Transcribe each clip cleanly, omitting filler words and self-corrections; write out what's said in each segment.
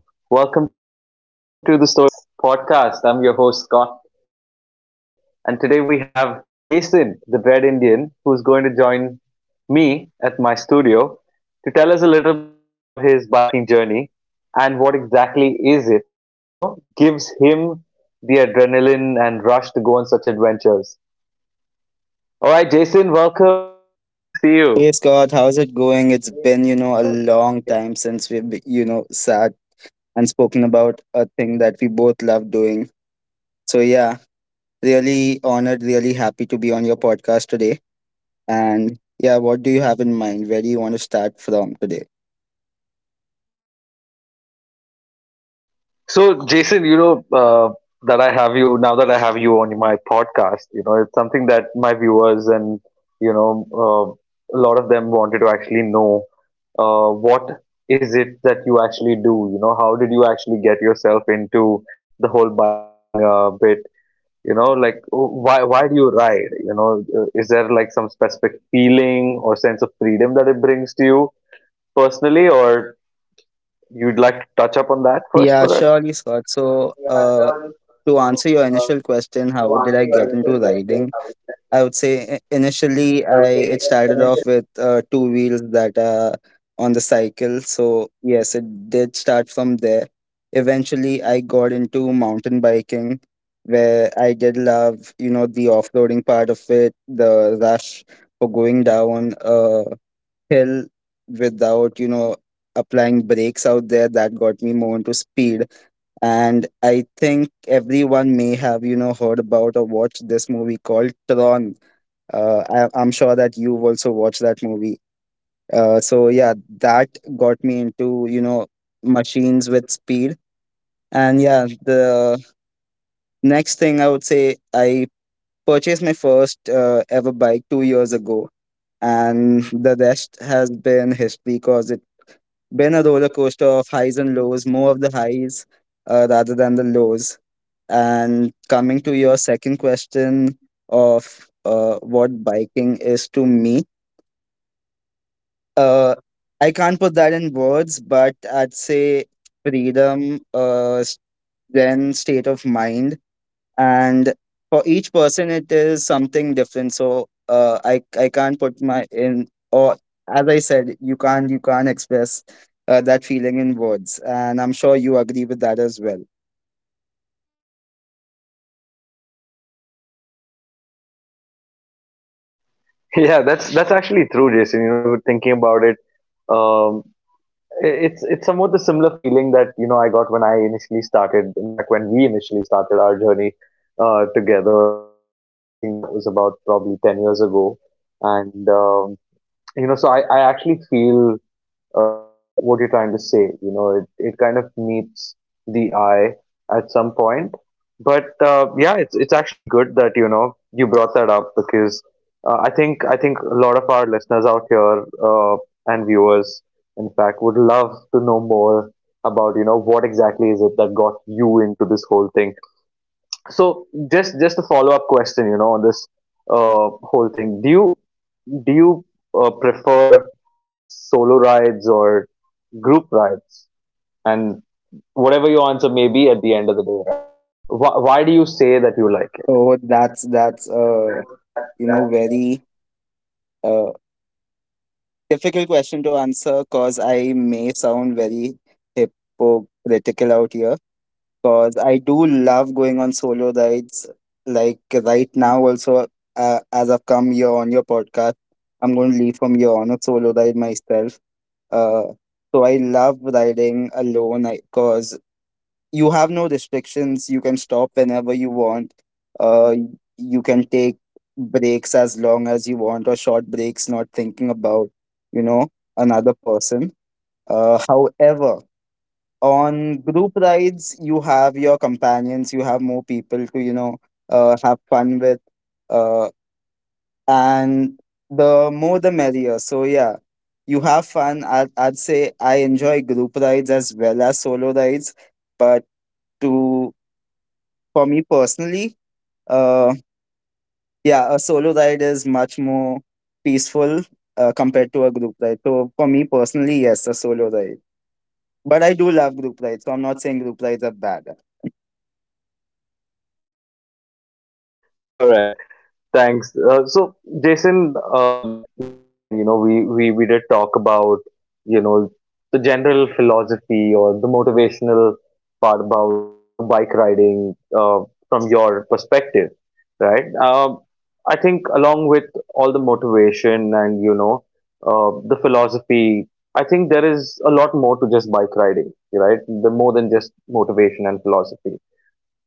All right, hey everyone. Welcome to the Storytellers podcast. I'm your host Scott, and today we have Jason, the Bread Indian, who's going to join me at my studio to tell us a little bit about his biking journey and what exactly is it that, gives him the adrenaline and rush to go on such adventures. All right, Jason, welcome, welcome. Nice to see you. Hey Scott, how's it going? It's been, a long time since we've sat and spoken about a thing that we both love doing. So yeah, really honored, really happy to be on your podcast today. And yeah, what do you have in mind? Where do you want to start from today? So, Jason, you know that I have you now that I have you on my podcast. You know, it's something that my viewers and a lot of them wanted to actually know what is it that you actually do. You know, how did you actually get yourself into the whole biking bit? You know, like why do you ride? You know, is there like some specific feeling or sense of freedom that it brings to you personally, or you'd like to touch up on that first Yeah, for us? surely, Scott. So, to answer your initial question, how did I get into riding? I would say initially I it started off with two wheels that are on the cycle. So yes, it did start from there. Eventually, I got into mountain biking, where I did love the off-roading part of it, the rush for going down a hill without applying brakes out there. That got me more into speed, and I think everyone may have heard about or watched this movie called Tron. I'm sure that you've also watched that movie. So yeah, that got me into machines with speed. And yeah, the next thing I would say, I purchased my first ever bike 2 years ago, and the rest has been history because it's been a roller coaster of highs and lows, more of the highs rather than the lows. And coming to your second question of what biking is to me, uh, I can't put that in words, but I'd say freedom, then state of mind, and for each person it is something different. So I can't put my in or, as I said, you can't express that feeling in words, and I'm sure you agree with that as well. Yeah, that's actually true, Jason. You know, we were thinking about it. Um, it's somewhat the similar feeling that I got when I initially started. In fact, when we initially started our journey together, I think that was about probably 10 years ago. And so I actually feel what you're trying to say. You know, it kind of meets the eye at some point. But yeah, it's actually good that you brought that up because I think a lot of our listeners out here and viewers, in fact, would love to know more about what exactly is it that got you into this whole thing. So just a follow up question, on this whole thing. Do you prefer solo rides or group rights, and whatever your answer may be at the end of the day, right, why do you say that you like it. So that's very uh difficult question to answer because I may sound very hypocritical out here, because I do love going on solo rides. Like right now, also, as I've come here on your podcast, I'm going to leave from here on a solo ride myself. Uh, so I love riding alone because you have no restrictions. You can stop whenever you want. Uh, you can take breaks as long as you want, or short breaks, not thinking about, you know, another person. However, on group rides you have your companions, you have more people to have fun with, uh, and the more the merrier. So yeah, you have fun. I'd say I enjoy group rides as well as solo rides, but to for me personally, uh yeah, a solo ride is much more peaceful compared to a group ride. So for me personally, yes, a solo ride, but I do love group rides, so I'm not saying group rides are bad. All right. Thanks. So, Jason, yet again, we did talk about, you know, the general philosophy or the motivational part about, bike riding from your perspective, right? I think along with all the motivation and, the philosophy, I think there is a lot more to just bike riding, right? The more than just motivation and philosophy.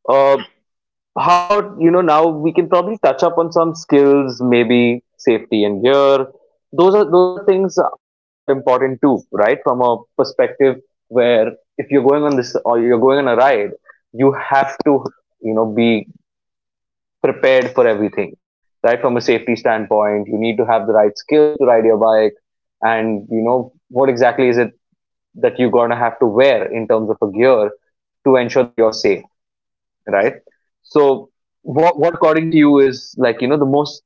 Uh, how about now we can probably touch up on some skills, maybe safety and gear. Those are things I feel are important too, right? From a perspective where if you're going on this or you're going on a ride, you have to be prepared for everything, right? From a safety standpoint, you need to have the right skills to ride your bike, and you know what exactly is it that you're going to have to wear in terms of a gear to ensure that you're safe, right? So, what according to you is like the most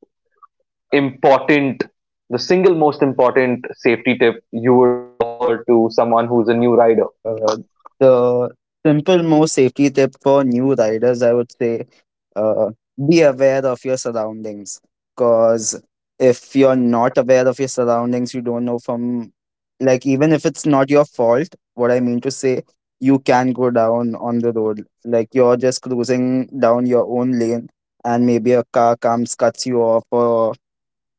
important, the single most important safety tip you would offer to someone who's a new rider? Uh, the simple, most safety tip for new riders, I would say, uh, be aware of your surroundings. Because if you're not aware of your surroundings, you don't know from, like, even if it's not your fault, what I mean to say, you can go down on the road. Like, you're just cruising down your own lane, and maybe a car comes, cuts you off, or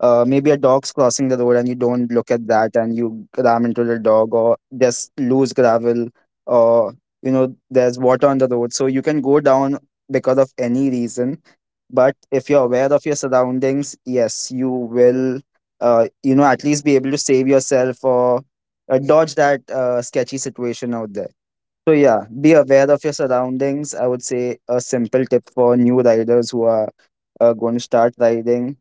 maybe a dog's crossing the road and you don't look at that and you ram into the dog, or just loose gravel, or you know, there's water on the road, so you can go down because of any reason. But if you're aware of your surroundings, yes, you will you know, at least be able to save yourself or dodge that sketchy situation out there. So yeah, be aware of your surroundings, I would say, a simple tip for new riders who are going to start riding.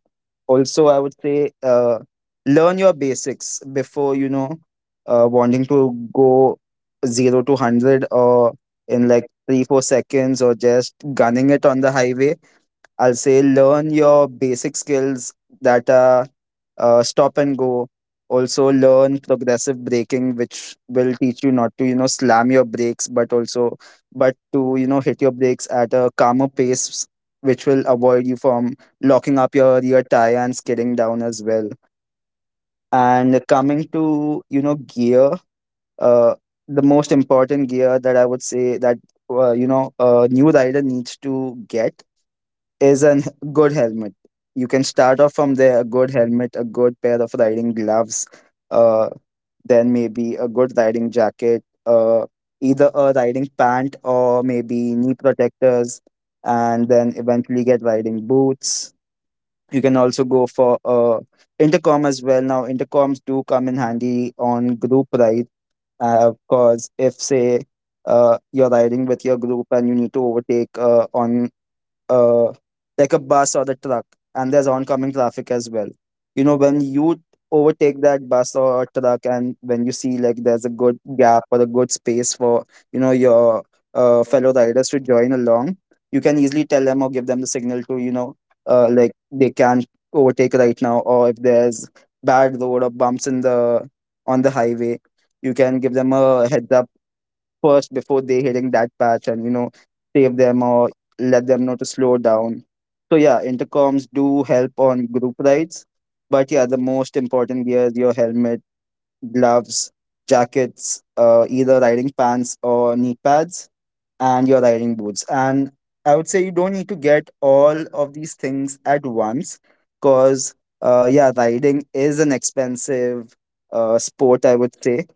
Also I would say, learn your basics before wanting to go 0 to 100 or in like 3 4 seconds, or just gunning it on the highway. I'll say, learn your basic skills, that are stop and go. Also learn progressive braking, which will teach you not to, you know, slam your brakes, but also but to, you know, hit your brakes at a calmer pace, which will avoid you from locking up your rear tire and skidding down as well. And coming to, you know, gear, uh, the most important gear that I would say that you know, a new rider needs to get is a good helmet. You can start off from there: a good helmet, a good pair of riding gloves, uh, then maybe a good riding jacket, either a riding pant or maybe knee protectors, and then eventually get riding boots. You can also go for intercom as well. Now, intercoms do come in handy on group ride, because if say you're riding with your group and you need to overtake on uh, like a bus or the truck, and there's oncoming traffic as well. You know, when you overtake that bus or truck, and when you see like there's a good gap or a good space for you know, your fellow riders to join along, you can easily tell them or give them the signal to, you know, like, they can't overtake right now, or if there's bad road or bumps in the on the highway, you can give them a heads up first before they hitting that patch and, you know, save them or let them know to slow down. So yeah, intercoms do help on group rides. But yeah, the most important gear is your helmet, gloves, jackets, either riding pants or knee pads, and your riding boots. And I would say you don't need to get all of these things at once, because, yeah, riding is an expensive sport, I would say.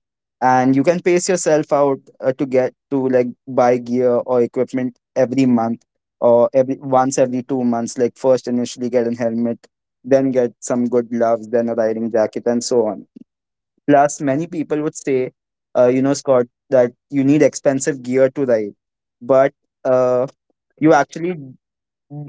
And you can pace yourself out to like buy gear or equipment every month, or every once every 2 months. Like, first, initially get a helmet, then get some good gloves, then a riding jacket, and so on. Plus, many people would say, you know, Scott, that you need expensive gear to ride, but uh, you actually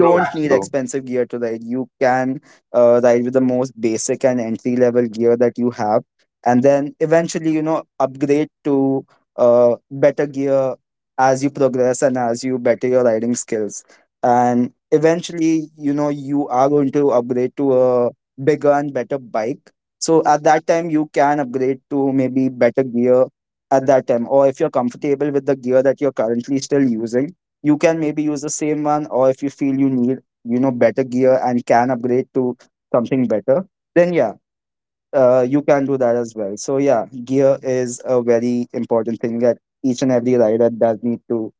True, need true. expensive gear to ride. You can ride with the most basic and entry level gear that you have, and then eventually, you know, upgrade to better gear as you progress and as you better your riding skills. And eventually, you know, you are going to upgrade to a bigger and better bike. So at that time, you can upgrade to maybe better gear at that time, or if you're comfortable with the gear that you're currently still using, you can maybe use the same one, or if you feel you need, you know, better gear and can upgrade to something better, then yeah, you can do that as well. So yeah, gear is a very important thing that each and every rider does need to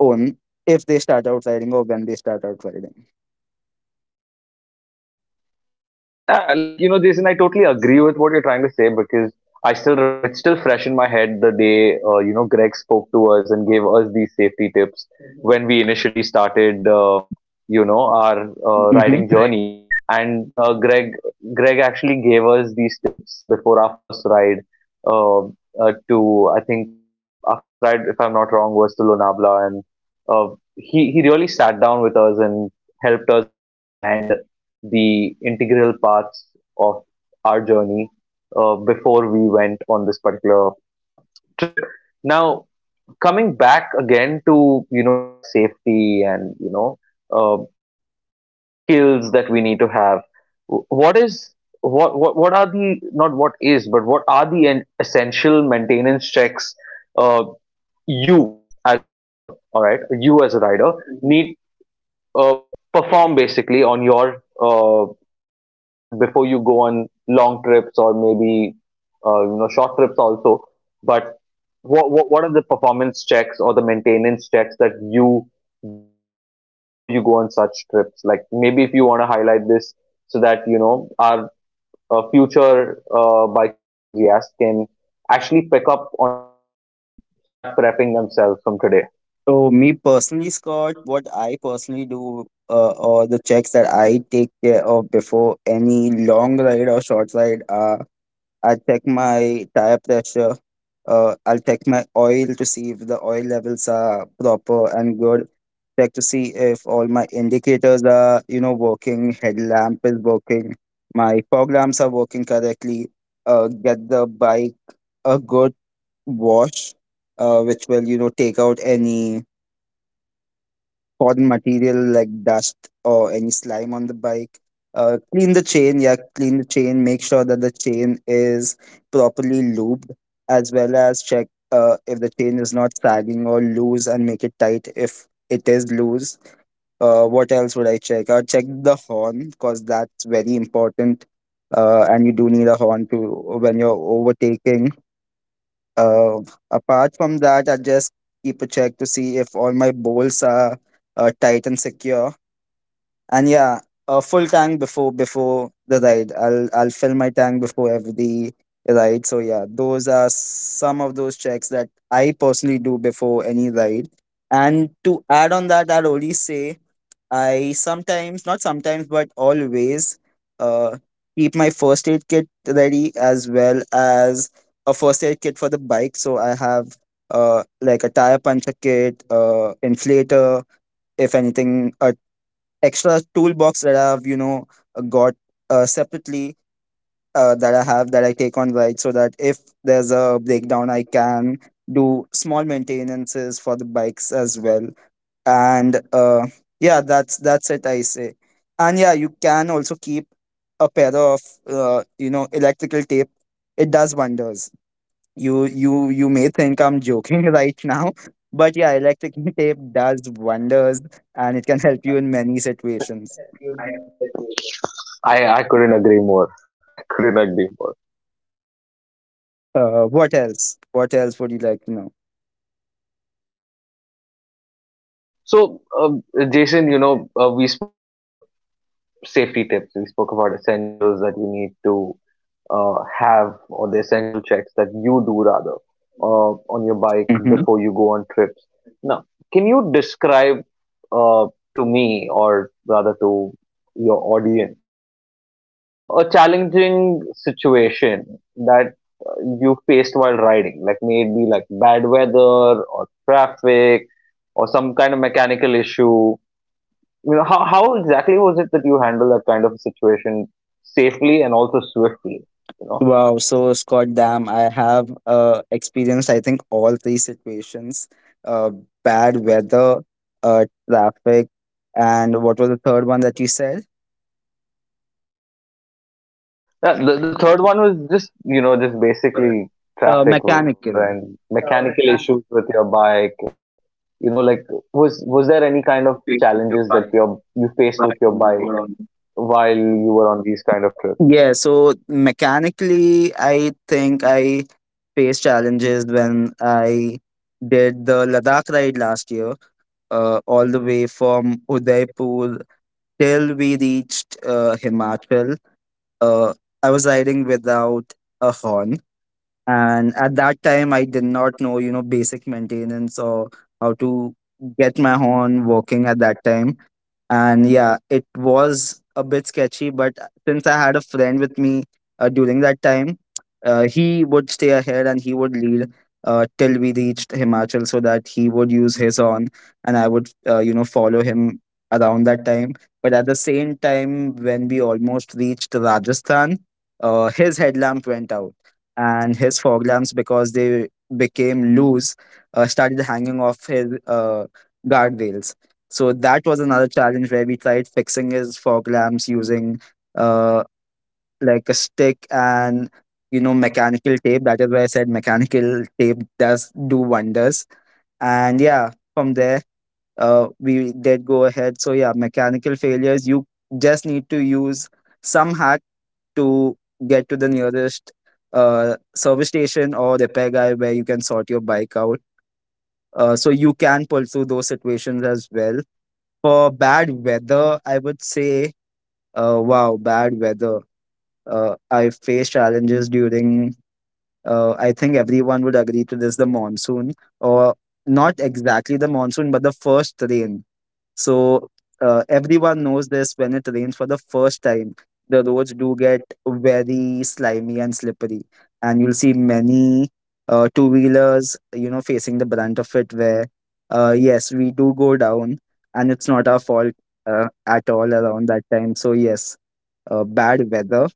own if they start out riding, or when they start out riding. Yeah, like Jason, I totally agree with what you're trying to say because I still remember it's still fresh in my head the day Greg spoke to us and gave us these safety tips when we initially started, our Hmm. riding journey. And Greg actually gave us these tips before our first ride. Uh, to I think our first ride, if I'm not wrong, was to Lonavala, and he really sat down with us and helped us understand the integral parts of our journey before we went on this particular trip. Now, coming back again to our safety and uh, skills that we need to have, wh- what is what are the not what is but what are the essential maintenance checks, uh, you as a rider, all right, you as a rider need uh, perform basically on your bike before you go on long trips or maybe short trips also. But what are the performance checks or the maintenance checks that you do on your bike before you go on such trips? Like maybe if you want to highlight this so that our future biking enthusiasts can actually pick up on these things and start prepping themselves from today. So me personally, Scott, what I personally do, or the checks that I take care of before any long ride or short ride are, I check my tire pressure. I'll check my oil to see if the oil levels are proper and good. Check to see if all my indicators are, you know, working. Headlamp is working. My fog lamps are working correctly. Get the bike a good wash, which will, you know, take out any foreign material like dust or any slime on the bike. Clean the chain, yeah, clean the chain. Make sure that the chain is properly lubed, as well as check if the chain is not sagging or loose, and make it tight if it is loose. What else would I check? I'll check the horn, because that's very important. And you do need a horn to when you're overtaking. uh, Apart from that, I just keep a check to see if all my bolts are tight and secure. And yeah, a full tank before the ride. I'll fill my tank before every ride. So yeah, those are some of those checks that I personally do before any ride. And to add on that, I'd only say I not sometimes, but always uh, keep my first aid kit ready, as well as a first aid kit for the bike. So I have like a tire puncher kit, inflator, if anything, a extra toolbox that I've got separately, that I take on ride, so that if there's a breakdown, I can do small maintenances for the bikes as well. And yeah, that's it, I say. And yeah, you can also keep a pair of electrical tape. It does wonders. You may think I'm joking right now, but yeah, electrical tape does wonders, and it can help you in many situations. I- I couldn't agree more. I couldn't agree more. What else, would you like to know? So, Jason, we spoke about safety tips. We spoke about essentials that you need to have or the essential checks that you do rather on your bike Mm-hmm. before you go on trips. Now, can you describe uh, to me or rather to your audience, right, a challenging situation that uh, you faced while riding, like maybe like bad weather or traffic or some kind of mechanical issue. You know, how exactly was it that you handled that kind of situation safely and also swiftly? You know? Wow, so Scott, damn, I have experienced, I think, all three situations. Uh, bad weather, traffic, and what was the third one that you said? Yeah, the third one was just Weather. basically Uh, traffic, weather, mechanical. and mechanical issues with your bike, and like, was there any kind of challenges that you faced with your bike while you were on these kind of trips? Yeah, so mechanically, I think I faced challenges when I did the Ladakh ride last year, all the way from Udaipur till we reached Himachal. Uh, I was riding without a horn. And at that time, I did not know, you know, basic maintenance or how to get my horn working at that time, and yeah, it was a bit sketchy. But since I had a friend with me during that time, he would stay ahead and he would lead till we reached Himachal, so that he would use his horn and I would, you know, follow him around that time. But at the same time, when we almost reached Rajasthan, his headlamp went out, and his fog lamps, because they became loose, started hanging off his guardrails. So that was another challenge, where we tried fixing his fog lamps using uh like a stick and, you know, mechanical tape. That is why I said mechanical tape does do wonders. And yeah, from there, we did go ahead. So yeah, mechanical failures. You just need to use some hack to get to the nearest service station or repair guy where you can sort your bike out. So you can pull through those situations as well. For bad weather, I would say, wow, bad weather. I face challenges during, I think everyone would agree to this, the monsoon, or not exactly the monsoon, but the first rain. So everyone knows this. When it rains for the first time, the roads do get very slimy and slippery, and you'll see many two wheelers, you know, facing the brunt of it. Where, yes, we do go down, and it's not our fault at all around that time. So yes, bad weather.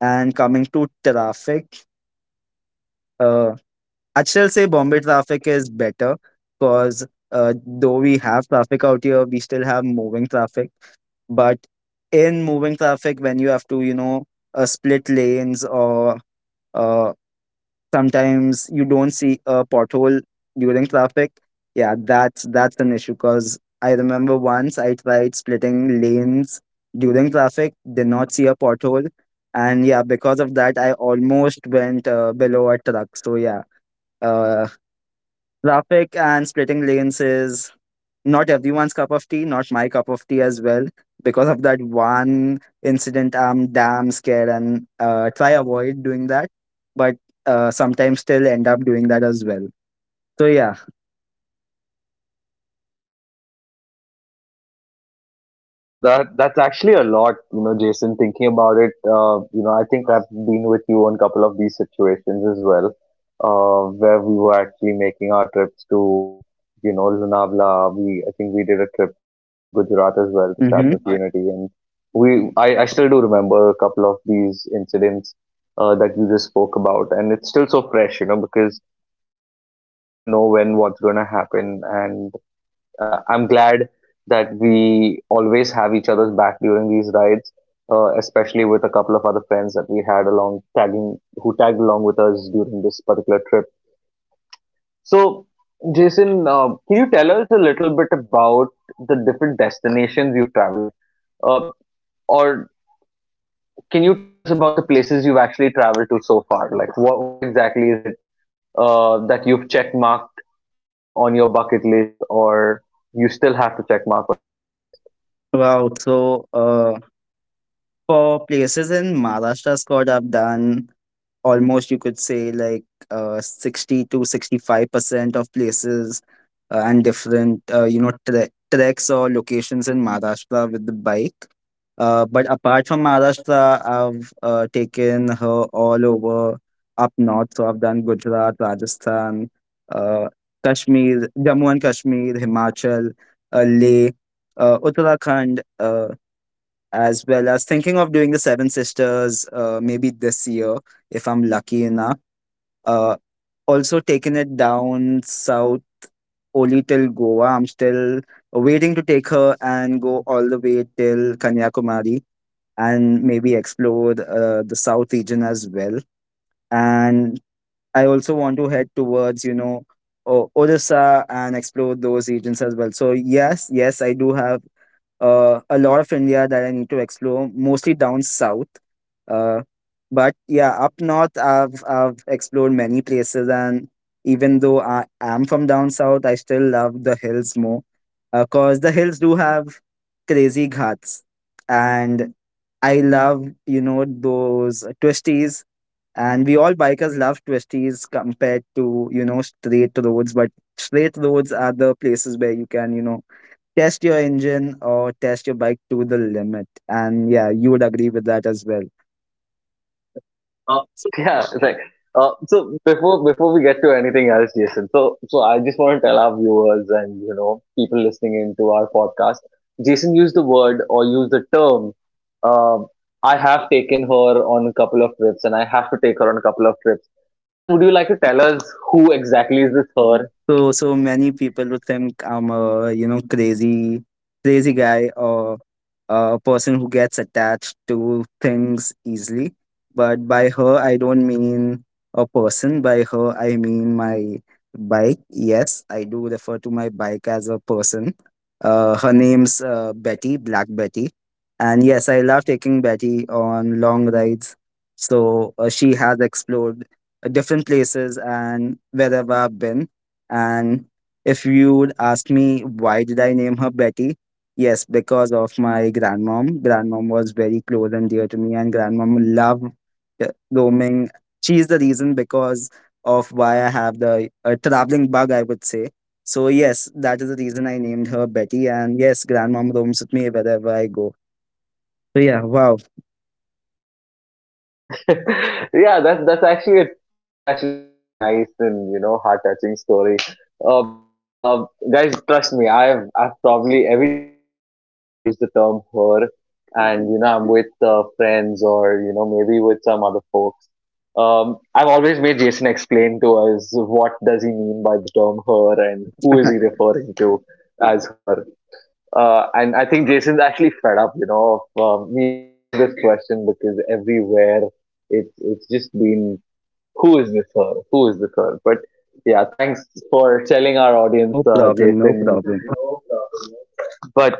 And coming to traffic, uh, I'd still say Bombay traffic is better, because though we have traffic out here, we still have moving traffic. But in moving traffic, when you have to, you know, split lanes, or uh, sometimes you don't see a pothole during traffic, yeah, that's an issue. Because I remember once I tried splitting lanes during traffic, did not see a pothole, and yeah, because of that, I almost went below a truck. So yeah. Uh, Traffic and splitting lanes is not everyone's cup of tea, not my cup of tea as well. Because of that one incident, I'm damn scared, and try avoid doing that. But sometimes still end up doing that as well. So yeah. Wow, that's actually a lot, Jason. Thinking about it, I think I've been with you on a couple of these situations as well, where we were actually making our trips to, Lunavla. We I think we did a trip to Gujarat as well, the Statue of Hmm. Unity, and I still do remember a couple of these incidents that you just spoke about, and it's still so fresh, because you actually never know when what's going to happen, and I'm glad that we always have each other's back during these rides, especially with a couple of other friends that we had along tagging who tagged along with us during this particular trip. So, Jason, can you tell us a little bit about the different destinations you've traveled, like, uh, or can you tell us about the places you've actually traveled to so far? Like, what exactly is it that you've check marked on your bucket list, or you still have to check mark on your bucket list? Wow. So for places in Maharashtra, Scott, I've done almost, you could say, like 60 to 65% of places, and different treks or locations in Maharashtra with the bike. But apart from Maharashtra, I've taken her all over up north. So I've done Gujarat, Rajasthan, uh, Kashmir, Jammu and Kashmir, Himachal, Leh, Uttarakhand. As well as thinking of doing the Seven Sisters maybe this year, if I'm lucky enough. Uh, also taking it down south, only till Goa. I'm still waiting to take her and go all the way till Kanyakumari and maybe explore the south region as well. And I also want to head towards, you know, Odisha and explore those regions as well. So yes, yes, I do have a lot of India that I need to explore, mostly down south. Uh, but yeah, up north, I've explored many places. And even though I am from down south, I still love the hills more. Uh, 'cause cause the hills do have crazy ghats, and I love, you know, those twisties. And we all bikers love twisties compared to, you know, straight roads, but straight roads are the places where you can, you know, test your engine or test your bike to the limit, and yeah, you would agree with that as well. Yeah, it's like so before we get to anything else, Jason, so I just want to tell our viewers and people listening into our podcast. Jason used the word or used the term, um, I have taken her on a couple of trips and I have to take her on a couple of trips. Jason, would you like to tell us who exactly is this her? So many people would think I'm a, you know, crazy guy, or a person who gets attached to things easily. But by her, I don't mean a person. By her, I mean my bike. Yes, I do refer to my bike as a person. Her name's Betty, Black Betty, and yes, I love taking Betty on long rides. So she has explored different places and wherever I've been. And if you would ask me why did I name her Betty, yes, because of my grandmom. Grandmom was very close and dear to me, and grandmom loved roaming. She's the reason because of why I have the traveling bug, I would say. So yes, that is the reason I named her Betty. And yes, grandmom roams with me wherever I go. So yeah, wow. Yeah, that's actually a very nice and heart touching story. Because guys, trust me, I've probably every time I've heard Jason use the term her, and I'm with friends or maybe with some other folks. I've always made Jason explain to us what does he mean by the term her and who is he referring to as her. And I think Jason's actually fed up, of me asking him this question because everywhere it's just been, who is this girl? Who is this girl? But yeah, thanks for telling our audience, No problem, no Jason. problem. But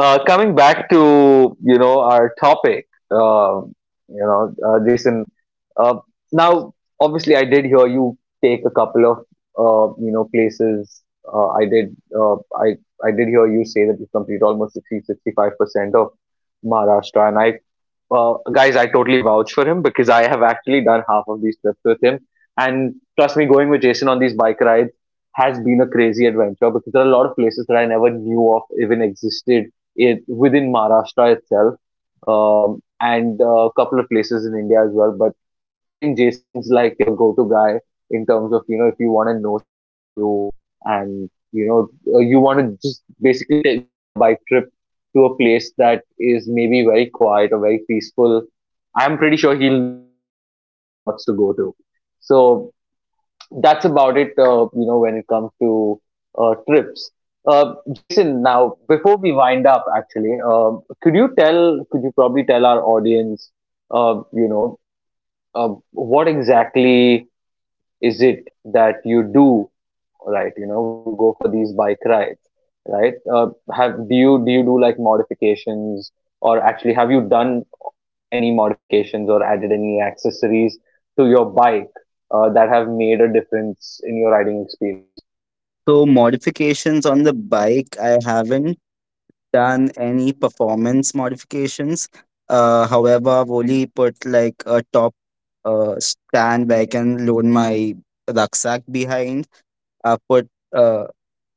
coming back to our topic, Jason. Uh, Now, obviously, I did hear you take a couple of places. I did. I did hear you say that you complete almost 60-65% of Maharashtra, and I guys, I totally vouch for him because I have actually done half of these trips with him. And trust me, going with Jason on these bike rides has been a crazy adventure because there are a lot of places that I never knew of even existed within Maharashtra itself, and a couple of places in India as well. But I think Jason's like your go-to guy in terms of, if you want to know something new and, you want to just basically go on a bike trip to a place that is maybe very quiet or very peaceful. I'm pretty sure he'll know all the right spots to go to. So that's about it, when it comes to trips. Jason, now before we wind up, actually, could you probably tell our audience, uh, you know, what exactly is it that you do, right? You know when you go for these bike rides, right, have do you do like modifications, or actually have you done any modifications or added any accessories to your bike that have made a difference in your riding experience? So modifications on the bike, I haven't done any performance modifications. However, I've only put like a top stand where I can load my rucksack behind. I put uh,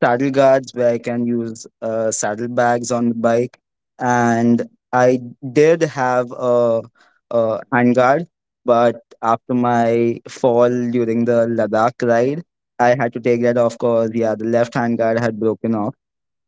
saddle guards where I can use saddlebags on the bike, and I did have a handguard, but after my fall during the Ladakh ride, I had to take that off, because yeah, the left handguard had broken off.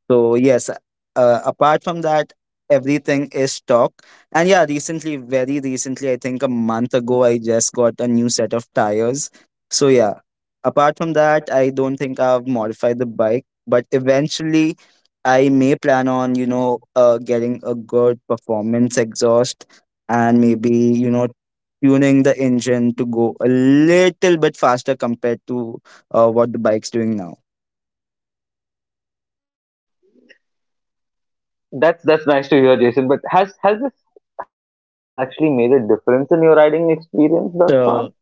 So yes, apart from that, everything is stock. And yeah, recently, very recently, I think a month ago, I just got a new set of tires. So yeah, apart from that, I don't think I've modified the bike, but eventually, I may plan on, you know, getting a good performance exhaust and maybe, you know, tuning the engine to go a little bit faster compared to what the bike's doing now. That's nice to hear, Jason. But has all of this actually made a difference in your riding experience thus far? So.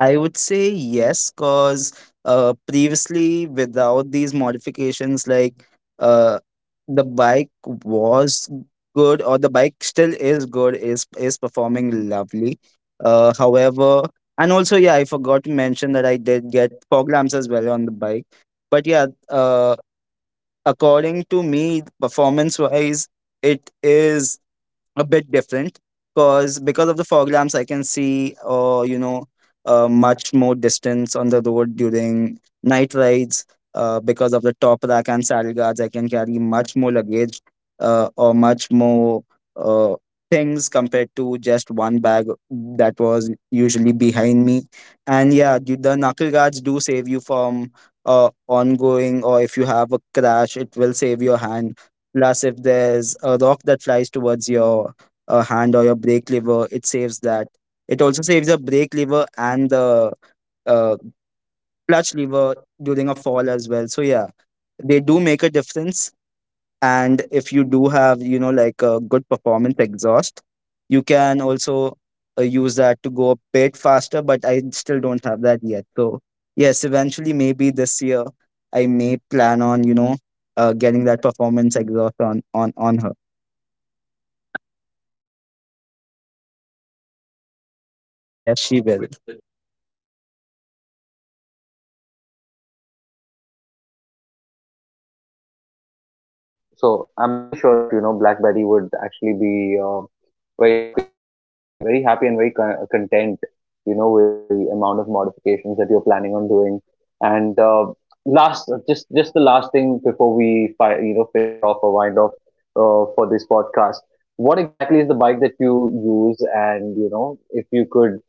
I would say yes, because previously, without these modifications, like uh, the bike was good, or the bike still is good, is performing lovely. However, and also, yeah, I forgot to mention that I did get fog lamps as well on the bike. But yeah, according to me, performance-wise, it is a bit different, because of the fog lamps, I can see, much more distance on the road during night rides. Because of the top rack and saddle guards, I can carry much more luggage, or much more uh, things compared to just one bag that was usually behind me. And yeah, the knuckle guards do save you from ongoing, or if you have a crash, it will save your hand. Plus, if there's a rock that flies towards your hand or your brake lever, it saves that. It also saves the brake lever and the uh, clutch lever during a fall as well. So yeah, they do make a difference. And if you do have, you know, like a good performance exhaust, you can also use that to go a bit faster. But I still don't have that yet. So yes, eventually, maybe this year, I may plan on, you know, getting that performance exhaust on on her. Yes, she will. So I'm pretty sure that BlackBerry would actually be very happy with, and very happy and very content, with the amount of modifications that you're planning on doing. And last, just the last thing before we finish off or wind off for this podcast, what exactly is the bike that you use? And if you could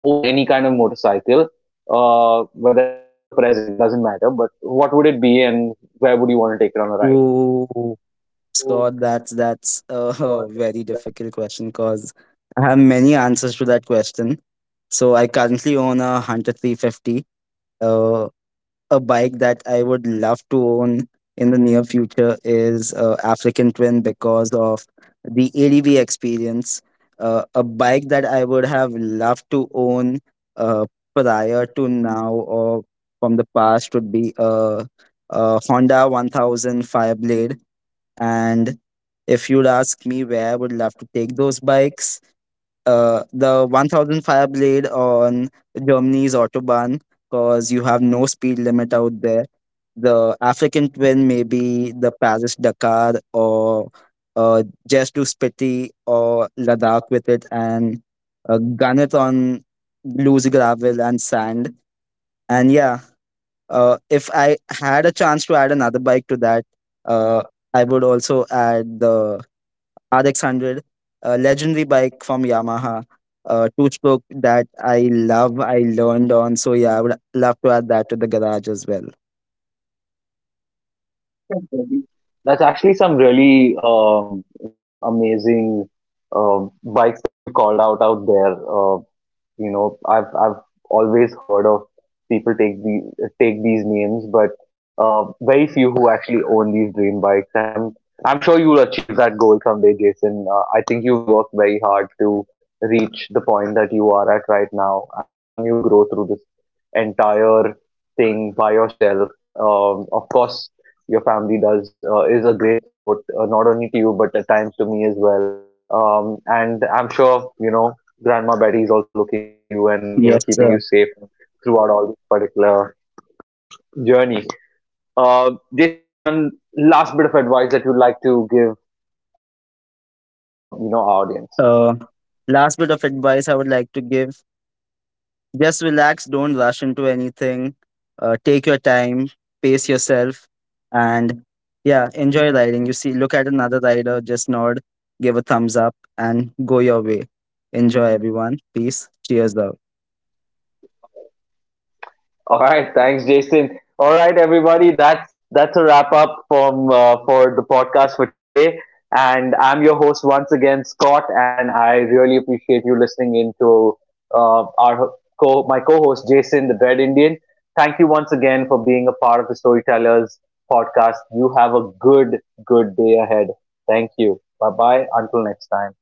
own any kind of motorcycle, whether it's past or present, doesn't matter. But what would it be, and where would you want to take it on a ride? Oh, Scott, that's a very difficult question, because I have many answers to that question. So I currently own a Hunter 350. Uh, a bike that I would love to own in the near future is African Twin, because of the ADV experience. A bike that I would have loved to own uh, prior to now or from the past would be a Honda 1000 Fireblade. And if you'd ask me where I would love to take those bikes, the 1000 fire blade on Germany's autobahn, because you have no speed limit out there. The African twin, may be the Paris Dakar, or just do Spiti or Ladakh with it, and gun it on loose gravel and sand. And yeah, if I had a chance to add another bike to that, uh, I would also add the RX100, a legendary bike from Yamaha, a two stroke that I love, I learned on. So yeah, I would love to add that to the garage as well. Definitely. That's actually some really amazing bikes that you called out there. I've always heard of people take these names, but very few who actually own these dream bikes. And I'm sure you'll achieve that goal someday, Jason. I think you've worked very hard to reach the point that you are at right now. I've seen you grow through this entire thing by yourself. Of course, your family does is a great support, not only to you but at times to me as well, and I'm sure Grandma Betty is also looking over you and Yes, keeping sir. you safe throughout all this particular journey. Jason, one last bit of advice that you'd like to give our you know our audience. Uh, last bit of advice I would like to give, just relax, don't rush into anything, take your time, pace yourself, and yeah, enjoy riding. You see, look at another rider, just nod, give a thumbs up, and go your way. Enjoy, everyone. Peace. Cheers, though. All right, thanks, Jason. All right, everybody, that's a wrap up from for the podcast for today. And I'm your host once again, Scott, and I really appreciate you listening in to uh, our ho- my co-host Jason, the Dread Indian. Thank you once again for being a part of the Storytellers podcast. You have a good, good day ahead. Thank you. Bye bye. Until next time.